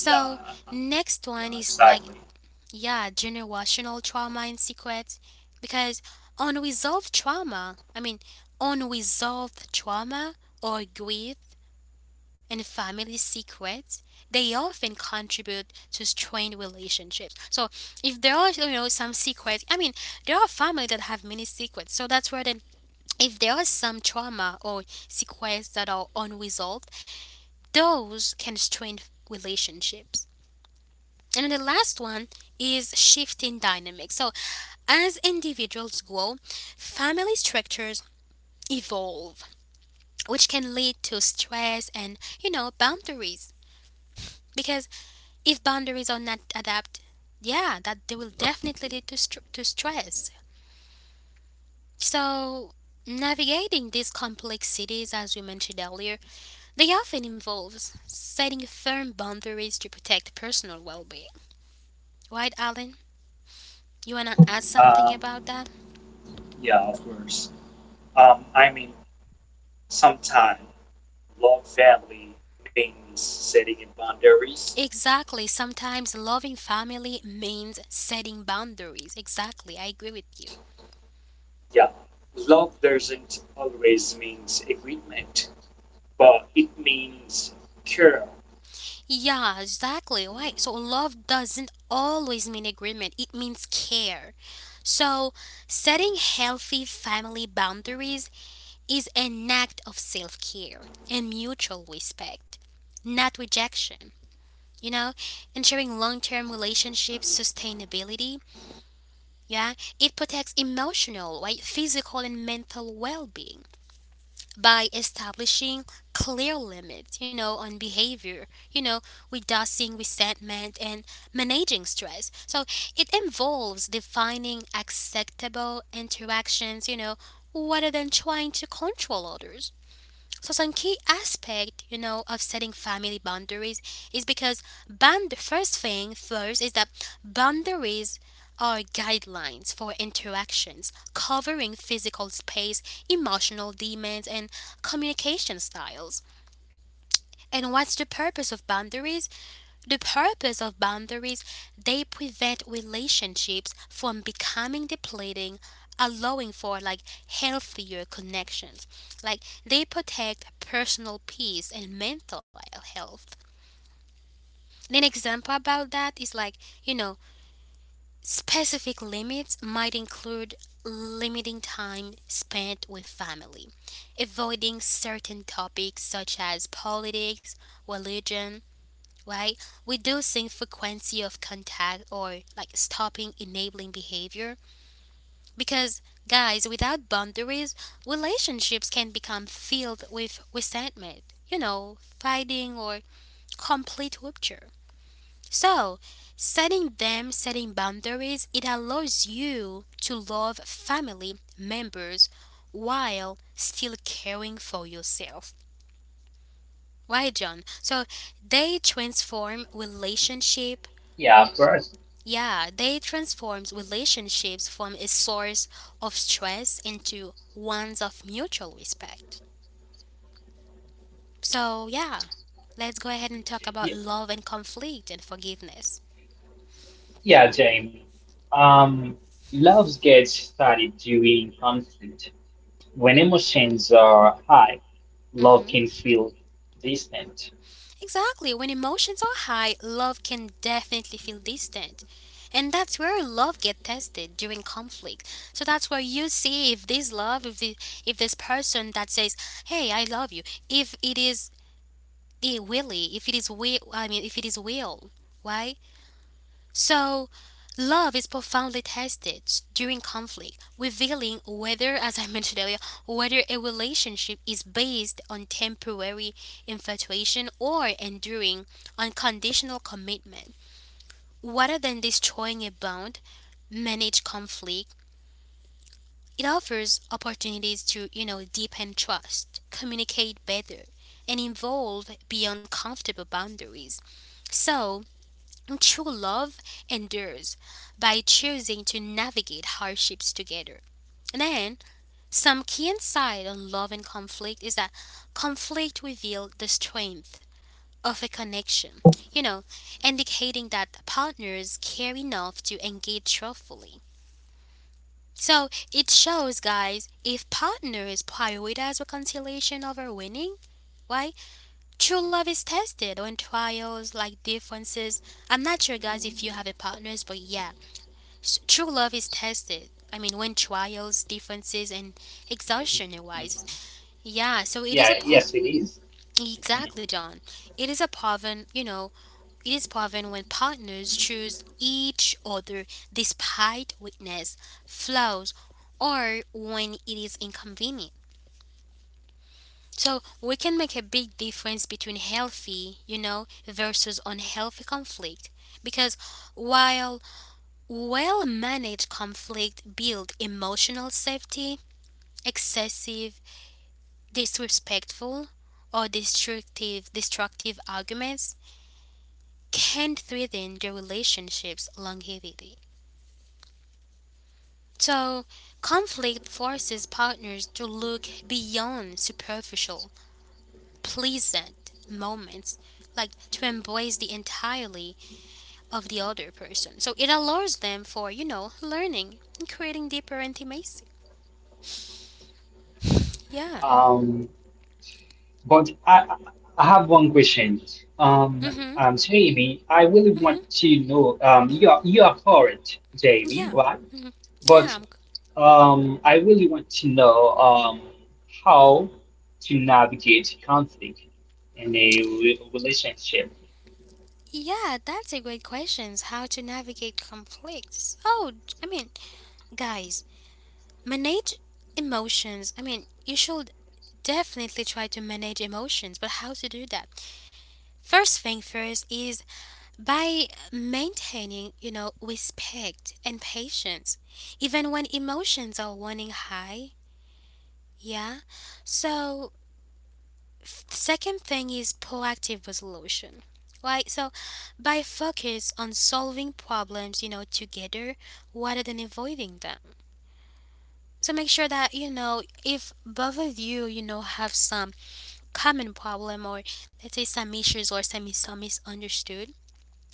S3: Yeah,
S1: next one
S3: yeah,
S1: is like,
S3: exactly.
S1: yeah, generational trauma and secrets, because unresolved trauma, I mean, unresolved trauma or grief and family secrets, they often contribute to strained relationships. So if there are, you know, some secrets, I mean, there are families that have many secrets. So that's where then, if there are some trauma or secrets that are unresolved, those can strain relationships. And then the last one is shifting dynamics. So as individuals grow, family structures evolve, which can lead to stress and, you know, boundaries. Because if boundaries are not adapted, yeah, that they will definitely lead to, to stress. So, navigating these complexities, as we mentioned earlier, they often involves setting firm boundaries to protect personal well-being. Right, Alan? You wanna add
S3: Um,
S1: something about that?
S3: yeah, of course. Um, I mean, Sometimes love family means setting in boundaries.
S1: Exactly. Sometimes loving family means setting boundaries. Exactly. I agree with you.
S3: Yeah, love doesn't always means agreement, but it means care.
S1: Yeah, exactly. Right. So love doesn't always mean agreement, it means care. So setting healthy family boundaries is an act of self care and mutual respect, not rejection. You know, ensuring long term relationships
S3: Mhm.
S1: sustainability, yeah, it protects emotional, right, physical and mental well being by establishing clear limits, you know, on behavior, you know, reducing resentment and managing stress. So it involves defining acceptable interactions, you know, rather than trying to control others. So some key aspect, you know, of setting family boundaries is because band the first thing first is that boundaries are guidelines for interactions covering physical space, emotional demands and communication styles. And what's the purpose of boundaries? The purpose of boundaries, they prevent relationships from becoming depleting, allowing for like healthier connections. Like they protect personal peace and mental health. And an example about that is like, you know, specific limits might include limiting time spent with family, avoiding certain topics such as politics, religion, right? Reducing frequency of contact or like stopping enabling behavior. Because, guys, without boundaries, relationships can become filled with resentment, you know, fighting or complete rupture. So, setting boundaries, it allows you to love family members while still caring for yourself. Why, John? So they transform relationship.
S2: Yeah, of course.
S1: Yeah, they transforms relationships from a source of stress into ones of mutual respect. So, yeah, let's go ahead and talk
S2: Y-
S1: about love and conflict and forgiveness.
S2: Yeah, Jamie. Um, Love gets started during conflict. When emotions are high, love
S1: Hmm.
S2: can feel distant.
S1: Exactly, when emotions are high, love can definitely feel distant. And that's where love get tested during conflict. So that's where you see if this love, if the, if this person that says, "Hey, I love you," if it is be willy if it is will, I mean, if it is will, right? So love is profoundly tested during conflict, revealing whether, as I *laughs* mentioned earlier, whether a relationship is based on temporary infatuation or enduring unconditional commitment. Rather than destroying a bond, manage conflict, it offers opportunities to, you know, deepen trust, communicate better, and evolve beyond comfortable boundaries. So, true love endures by choosing to navigate hardships together. Then, some key insight on love and conflict is that conflict reveals the strength of a connection, you know, indicating that partners care enough to engage truthfully. So it shows, guys, if partners prioritize reconciliation over winning, why? True love is tested on trials like differences. I'm not sure, guys, if you have a partners, but yeah, true love is tested. I mean, when trials, differences, and exhaustion
S2: Mhm.
S1: arise. Yeah, so it
S2: Yeah,
S1: is a
S2: yes, it is. Mhm.
S1: exactly, John. It is a proven, you know, it is proven when partners choose each other despite weakness, flaws, or when it is inconvenient. So we can make a big difference between healthy, you know, versus unhealthy conflict. Because while well managed conflict build emotional safety, excessive, disrespectful, or destructive arguments can threaten the relationship's longevity. So, conflict forces partners to look beyond superficial, pleasant moments, like to embrace the entirely of the other person. So, it allows them for, you know, learning and creating deeper intimacy. Yeah.
S2: Um, But I, I have one question. Um,
S1: Mhm.
S2: Jamie, I really want to know. You are poet, Jamie,
S1: Yeah,
S2: right?
S1: yeah,
S2: But
S1: I'm c-
S2: I really want to know how to navigate conflict in a re relationship.
S1: yeah. That's a great question. How to navigate conflicts? Guys, manage emotions. I mean, you should definitely try to manage emotions, but how to do that? First thing first is by maintaining, respect and patience, even when emotions are running high. Yeah, so second thing is proactive resolution. Like, so by focus on solving problems, together rather than avoiding them. So make sure that, you know, if both of you, you know, have some common problem or let's say some issues or some misunderstood,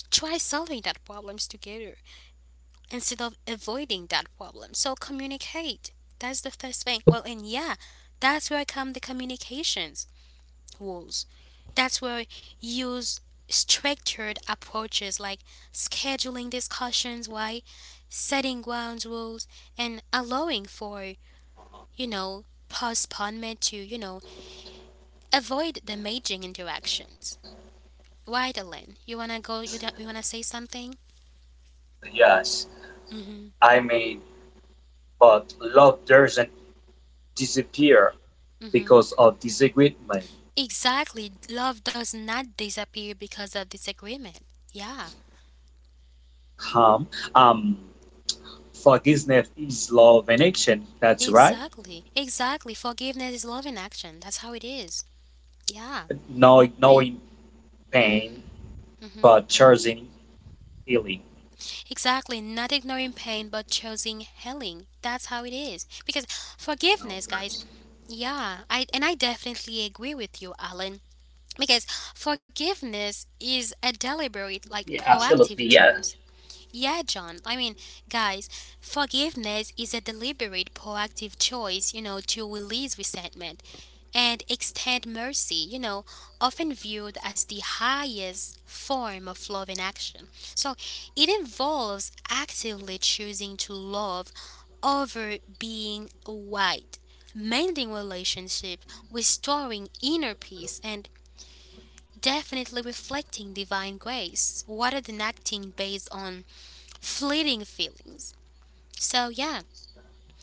S1: try solving that problems together instead of avoiding that problem. So communicate. That's the first thing. Well, and yeah, that's where come the communications rules. That's where use structured approaches like scheduling discussions, why setting ground rules and allowing for, you know, postponement to, you know, avoid damaging interactions. Right, Ellen? You wanna go? You, don't- You wanna say something?
S3: Yes,
S1: Mm-hmm.
S3: I mean, but love doesn't disappear
S1: Mm-hmm.
S3: because of disagreement.
S1: Exactly. Love does not disappear because of disagreement. Yeah.
S3: Um, um, Forgiveness is love in action. That's right.
S1: Exactly. Exactly. Forgiveness is love in action. That's how it is. Yeah.
S3: No,
S1: When,
S3: knowing
S1: Mm-hmm.
S3: pain,
S1: Mm-hmm.
S3: but choosing healing.
S1: Exactly. Not ignoring pain, but choosing healing. That's how it is. Because
S3: You know,
S1: forgiveness, guys.
S3: first.
S1: I definitely agree with you, Alan. Because forgiveness is a deliberate, like
S2: Yeah,
S1: proactive
S2: absolutely. Yeah,
S1: choice. Yeah, John. I mean, guys, forgiveness is a deliberate, proactive choice, you know, to release resentment and extend mercy, you know, often viewed as the highest form of love in action. So it involves actively choosing to love over being white, mending relationships, restoring inner peace, and definitely reflecting divine grace rather than acting based on fleeting feelings. So, yeah,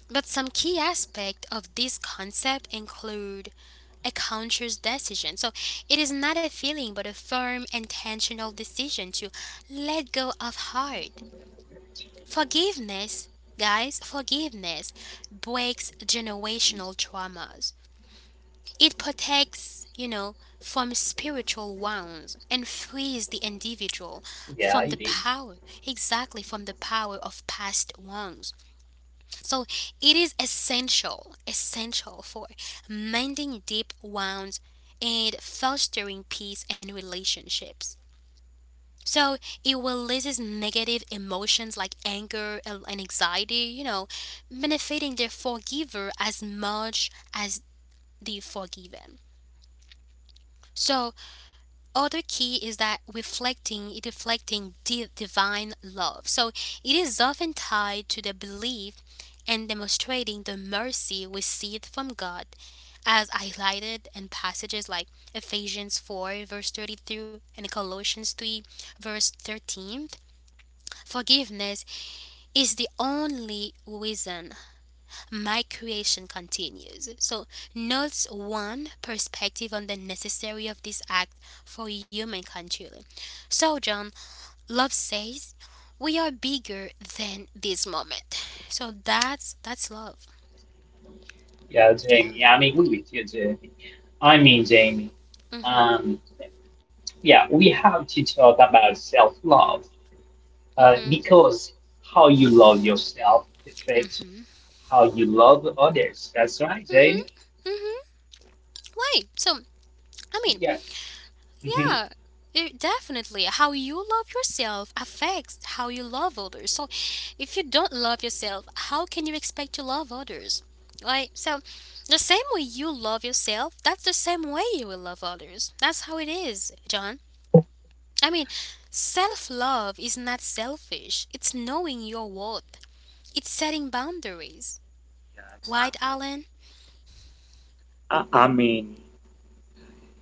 S1: but some key aspect of this concept include a conscious decision. So, it is not a feeling but a firm intentional decision to let go of hard. Forgiveness, guys, forgiveness breaks generational traumas. It protects, you know, from spiritual wounds and frees the individual
S2: yeah, it
S1: from the
S2: is.
S1: power, exactly from the power of past wrongs. So it is essential for mending deep wounds and fostering peace and relationships. So it releases negative emotions like anger and anxiety, you know, benefiting the forgiver as much as the forgiven. So other key is that reflecting divine love. So it is often tied to the belief and demonstrating the mercy received from God, as highlighted in passages like Ephesians 4, verse 32, and Colossians 3, verse 13. Forgiveness is the only reason my creation continues. So, notes one perspective on the necessity of this act for human continuity. So, John, love says, we are bigger than this moment. So that's love.
S2: Yeah,
S1: Yeah.
S2: Jamie. I mean, we with you, Jamie. I mean, Jamie.
S1: Mhm.
S2: Um, yeah, we have to talk about self-love.
S1: Mhm.
S2: Because how you love yourself affects how you love others. That's right,
S1: Mhm.
S2: Jamie.
S1: Mhm. Why? So
S2: Yeah.
S1: I mean,
S2: Mhm.
S1: yeah, it, definitely. How you love yourself affects how you love others. So, if you don't love yourself, how can you expect to love others? Like, so the same way you love yourself, that's the same way you will love others. That's how it is, John. I mean, self love is not selfish, it's knowing your worth, it's setting boundaries.
S3: Yeah,
S1: Right,
S3: exactly.
S1: Alan?
S3: I mean,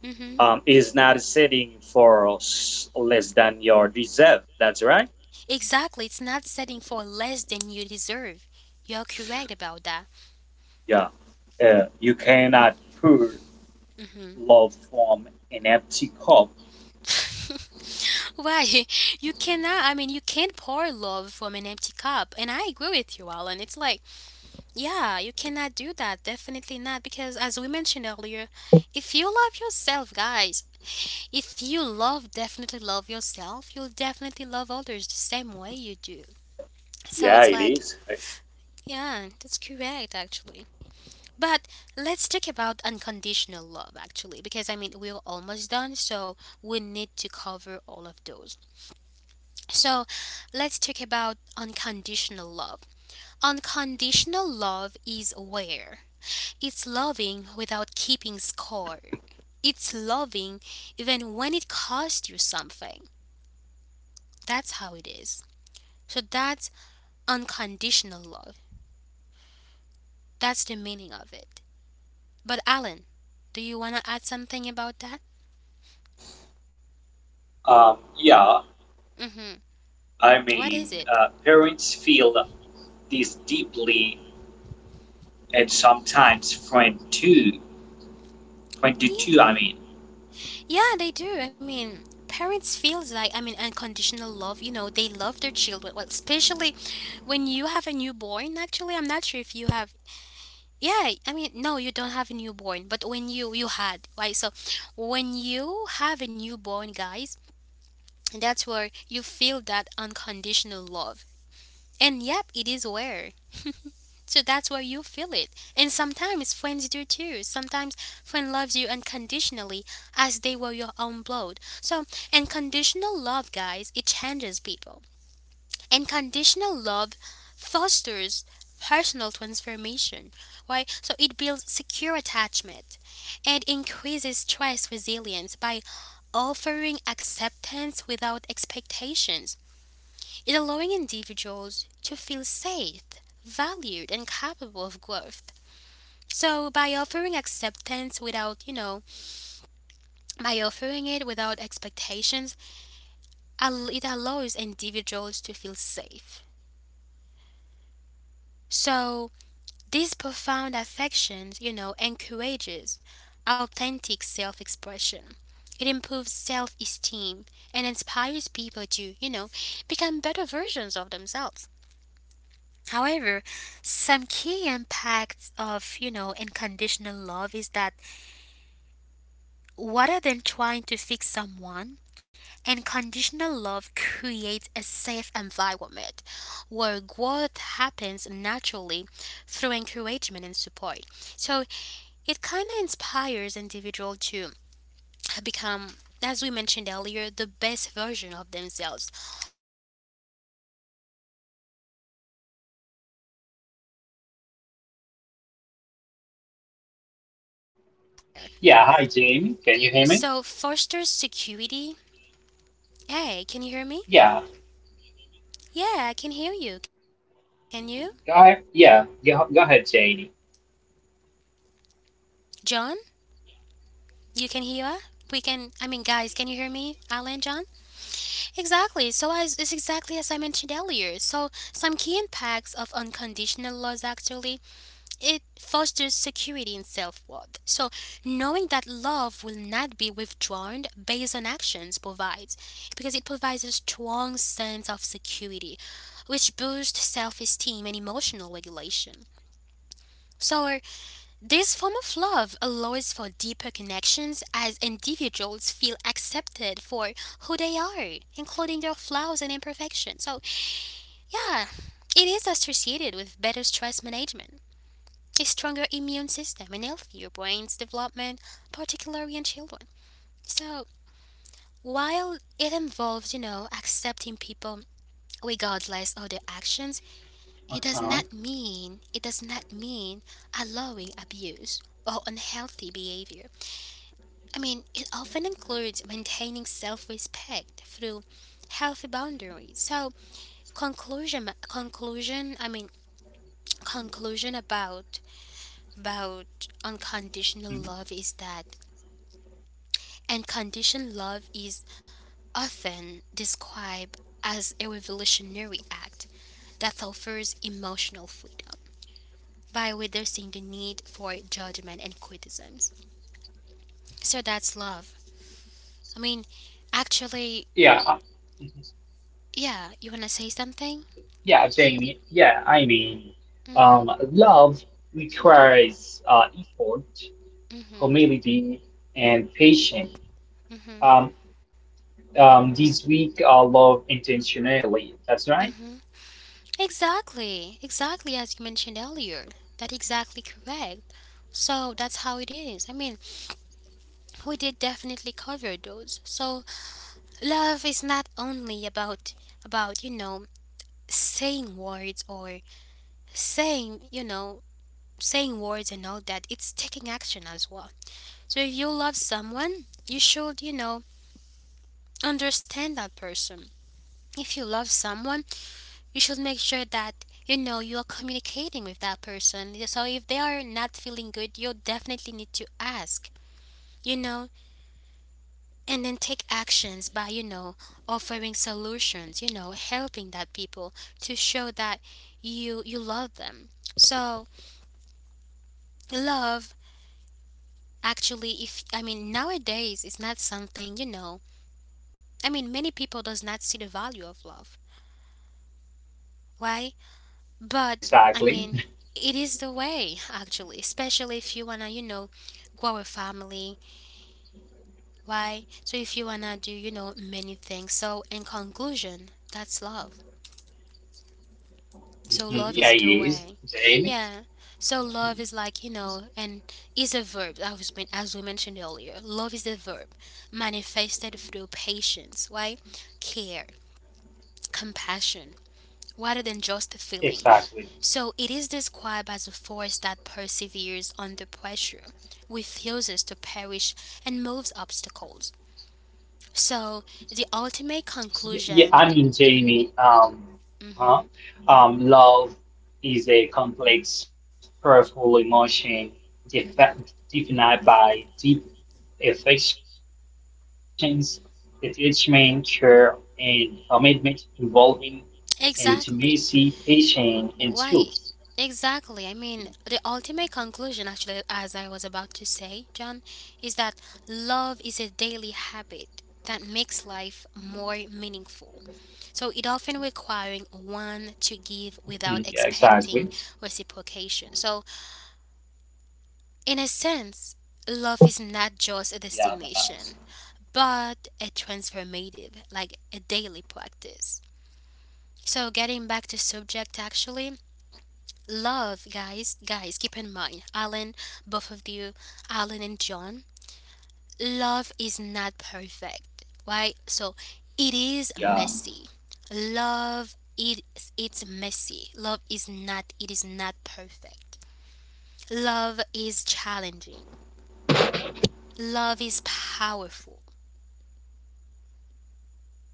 S1: Mm hmm.
S3: is not setting for less than your deserve. That's right.
S1: Exactly, it's not setting for less than you deserve. You're correct about that.
S3: Yeah. You cannot pour
S1: Mm-hmm.
S3: love from an empty cup.
S1: *laughs* Why? You cannot, I mean, You can't pour love from an empty cup. And I agree with you, Alan. It's like, yeah, you cannot do that. Definitely not. Because as we mentioned earlier, if you love yourself, guys, if you love, definitely love yourself, you'll definitely love others the same way you do. So
S3: Yeah,
S1: it's
S3: it
S1: like,
S3: is.
S1: yeah, that's correct, actually. But let's talk about unconditional love, actually, because I mean, we're almost done, so we need to cover all of those. So let's talk about unconditional love. Unconditional love is aware. It's loving without keeping score. It's loving even when it costs you something. That's how it is. So that's unconditional love. That's the meaning of it. But Alan, do you want to add something about that?
S3: Um, yeah,
S1: Mm-hmm. What is it?
S3: Parents feel this deeply, and sometimes friend too. Friend
S1: Yeah.
S3: too. I mean,
S1: Yeah, they do. I mean, parents feels like, I mean, unconditional love. You know, they love their children. Well, especially when you have a newborn. Actually, I'm not sure if you have. Yeah, I mean, no, you don't have a newborn, but when you had, right. So when you have a newborn, guys, that's where you feel that unconditional love. And yep, it is where. *laughs* So that's why you feel it. And sometimes friends do too. Sometimes friend loves you unconditionally as they were your own blood. So unconditional love, guys, it changes people. Unconditional love fosters personal transformation. Right? So it builds secure attachment and increases stress resilience by offering acceptance without expectations. It allowing individuals to feel safe, valued, and capable of growth. So by offering acceptance without, you know, by offering it without expectations, it allows individuals to feel safe. So this profound affection, you know, encourages authentic self-expression. It improves self-esteem and inspires people to, you know, become better versions of themselves. However, some key impacts of, you know, unconditional love is that rather than trying to fix someone, unconditional love creates a safe environment where growth happens naturally through encouragement and support. So it kind of inspires individual to become, as we mentioned earlier, the best version of themselves, often, you know, motivated by the desire to live up to that level of care. So, fosters
S2: Yeah. Hi, Jamie.
S1: security.
S2: Can you hear me?
S1: Hey, can you hear me? Yeah, I can hear
S2: Yeah.
S1: you. Can you?
S2: Go ahead. Yeah.
S1: John,
S2: Go ahead, Jamie.
S1: you can hear us? We can, I mean, guys, can you hear me? Alan, John? Exactly. So, as, it's exactly as I mentioned earlier. So, some key impacts of unconditional laws, actually, it fosters security and self worth. So, knowing that love will not be withdrawn based on actions provides, because it provides a strong sense of security, which boosts self esteem and emotional regulation. So, this form of love allows for deeper connections as individuals feel accepted for who they are, including their flaws and imperfections. So, yeah, it is associated with better stress management, a stronger immune system, and healthier brain's development, particularly in children. So, while it involves, you know, accepting people regardless of their actions,
S2: Uh huh.
S1: it does not mean allowing abuse or unhealthy behavior. I mean, it often includes maintaining self-respect through healthy boundaries. So, conclusion conclusion, I mean, conclusion about about unconditional love is that unconditional love is often described as a revolutionary act that offers emotional freedom by reducing the need for judgment and criticisms. So that's love. I mean, actually,
S2: Yeah. Mhm.
S1: yeah, you want to say something?
S2: Yeah, Jamie. Yeah. I mean,
S1: Mm-hmm.
S2: love requires effort,
S1: Mm-hmm.
S2: humility, and patience.
S1: Mm-hmm.
S2: Um, this week, I love intentionally. That's right.
S1: Mm-hmm. Exactly. Exactly as you mentioned earlier. That's exactly correct. So that's how it is. I mean, we did definitely cover those. So love is not only about you know saying words or saying, you know, saying words and all that. It's taking action as well. So if you love someone, you should, you know, understand that person. If you love someone, you should make sure that, you know, you are communicating with that person. So if they are not feeling good, you definitely need to ask. You know, and then take actions by, you know, offering solutions, you know, helping that people to show that you love them. So love, actually, if, I mean, nowadays it's not something, you know, I mean, many people does not see the value of love. Why?
S2: Mm-hmm. Yeah,
S1: But I
S2: exactly.
S1: mean, it is the way, actually, especially if you wanna, you know, grow a family. Why? So if you wanna do, you know, many things. So in conclusion, that's love. So
S2: Mhm,
S1: love
S2: yeah,
S1: is the
S2: it is,
S1: way.
S2: Jamie.
S1: Yeah. So love is like, you know, and is a verb that was been, as we mentioned earlier. Love is a verb manifested through patience, right? Care, compassion, rather than just a feeling.
S2: Exactly.
S1: So it is described as a force that perseveres under pressure, refuses to perish, and moves obstacles. So the ultimate
S2: Yeah, I mean,
S1: conclusion.
S2: Jamie, huh?
S1: Mhm.
S2: Love is a complex, powerful emotion defi- defined by deep affections, attachment, care, and commitment involving intimacy, patience, and
S1: Exactly.
S2: truth.
S1: Why? Exactly. I mean, the ultimate conclusion, actually, as I was about to say, John, is that love is a daily habit that makes life more meaningful. So it often requiring
S2: Mhm,
S1: one
S2: yeah,
S1: to give
S2: exactly.
S1: without expecting reciprocation. So, in a sense, love is not just a
S3: yeah, guys.
S1: destination, but a transformative, like a daily practice. So, getting back to subject, actually, love, guys, guys, keep in mind, Alan, both of you, Alan and John, love is not perfect, right? So it is
S3: Yeah,
S1: messy. Love it's messy. Love is not It is not perfect. Love is challenging. Love is powerful.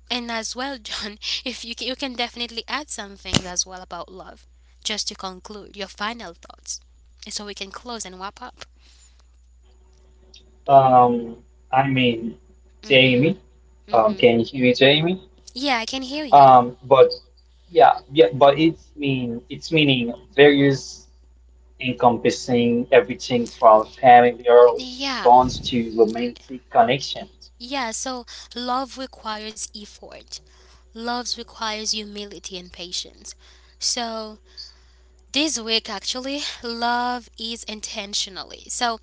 S1: And as well, John, *laughs* if you can, you can definitely add something as well about love, just to conclude your final thoughts, and so we can close and wrap up.
S2: Um, I mean, Jamie.
S1: Mhm. Mhm.
S2: Can you hear me?
S1: Yeah, I can hear you.
S2: But Yeah, yeah, but it's meaning various, encompassing everything from familial
S1: Yeah.
S2: bonds to romantic connections.
S1: Yeah, so love requires effort. Love requires humility and patience. So this week actually love is intentionally. So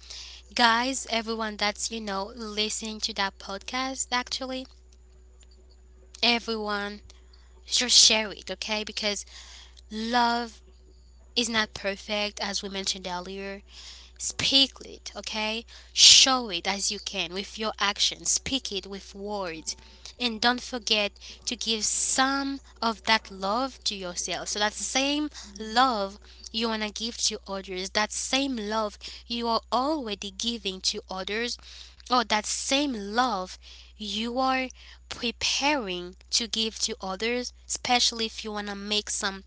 S1: guys, everyone that's, you know, listening to that podcast, actually, everyone just share it, okay? Because love is not perfect, as we mentioned earlier. Speak it, okay? Show it as you can with your actions. Speak it with words. And don't forget to give some of that love to yourself. So, that same love you want to give to others, that same love you are already giving to others, or that same love you are preparing to give to others, especially if you want to make some,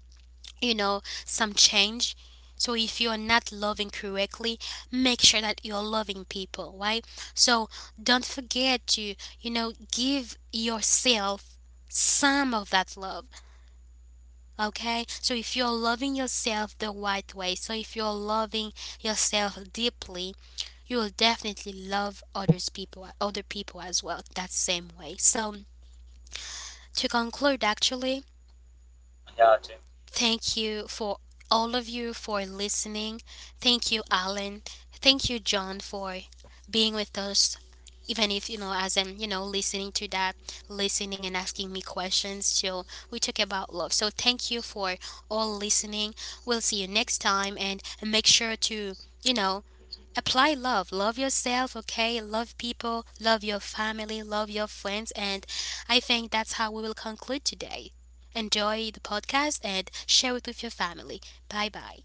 S1: you know, some change. So if you are not loving correctly, make sure that you're loving people, right? So don't forget to, you know, give yourself some of that love, okay? So if you're loving yourself the right way, so if you're loving yourself deeply, you will definitely love others people, other people as well that same way. So to conclude, actually,
S3: yeah.
S1: thank you for all of you for listening. Thank you, Alan. Thank you, John, for being with us. Even if, you know, as I'm, you know, listening to that, listening and asking me questions. So we talk about love. So thank you for all listening. We'll see you next time and make sure to, you know, apply love. Love yourself, okay? Love people, love your family, love your friends. And I think that's how we will conclude today. Enjoy the podcast and share it with your family. Bye bye.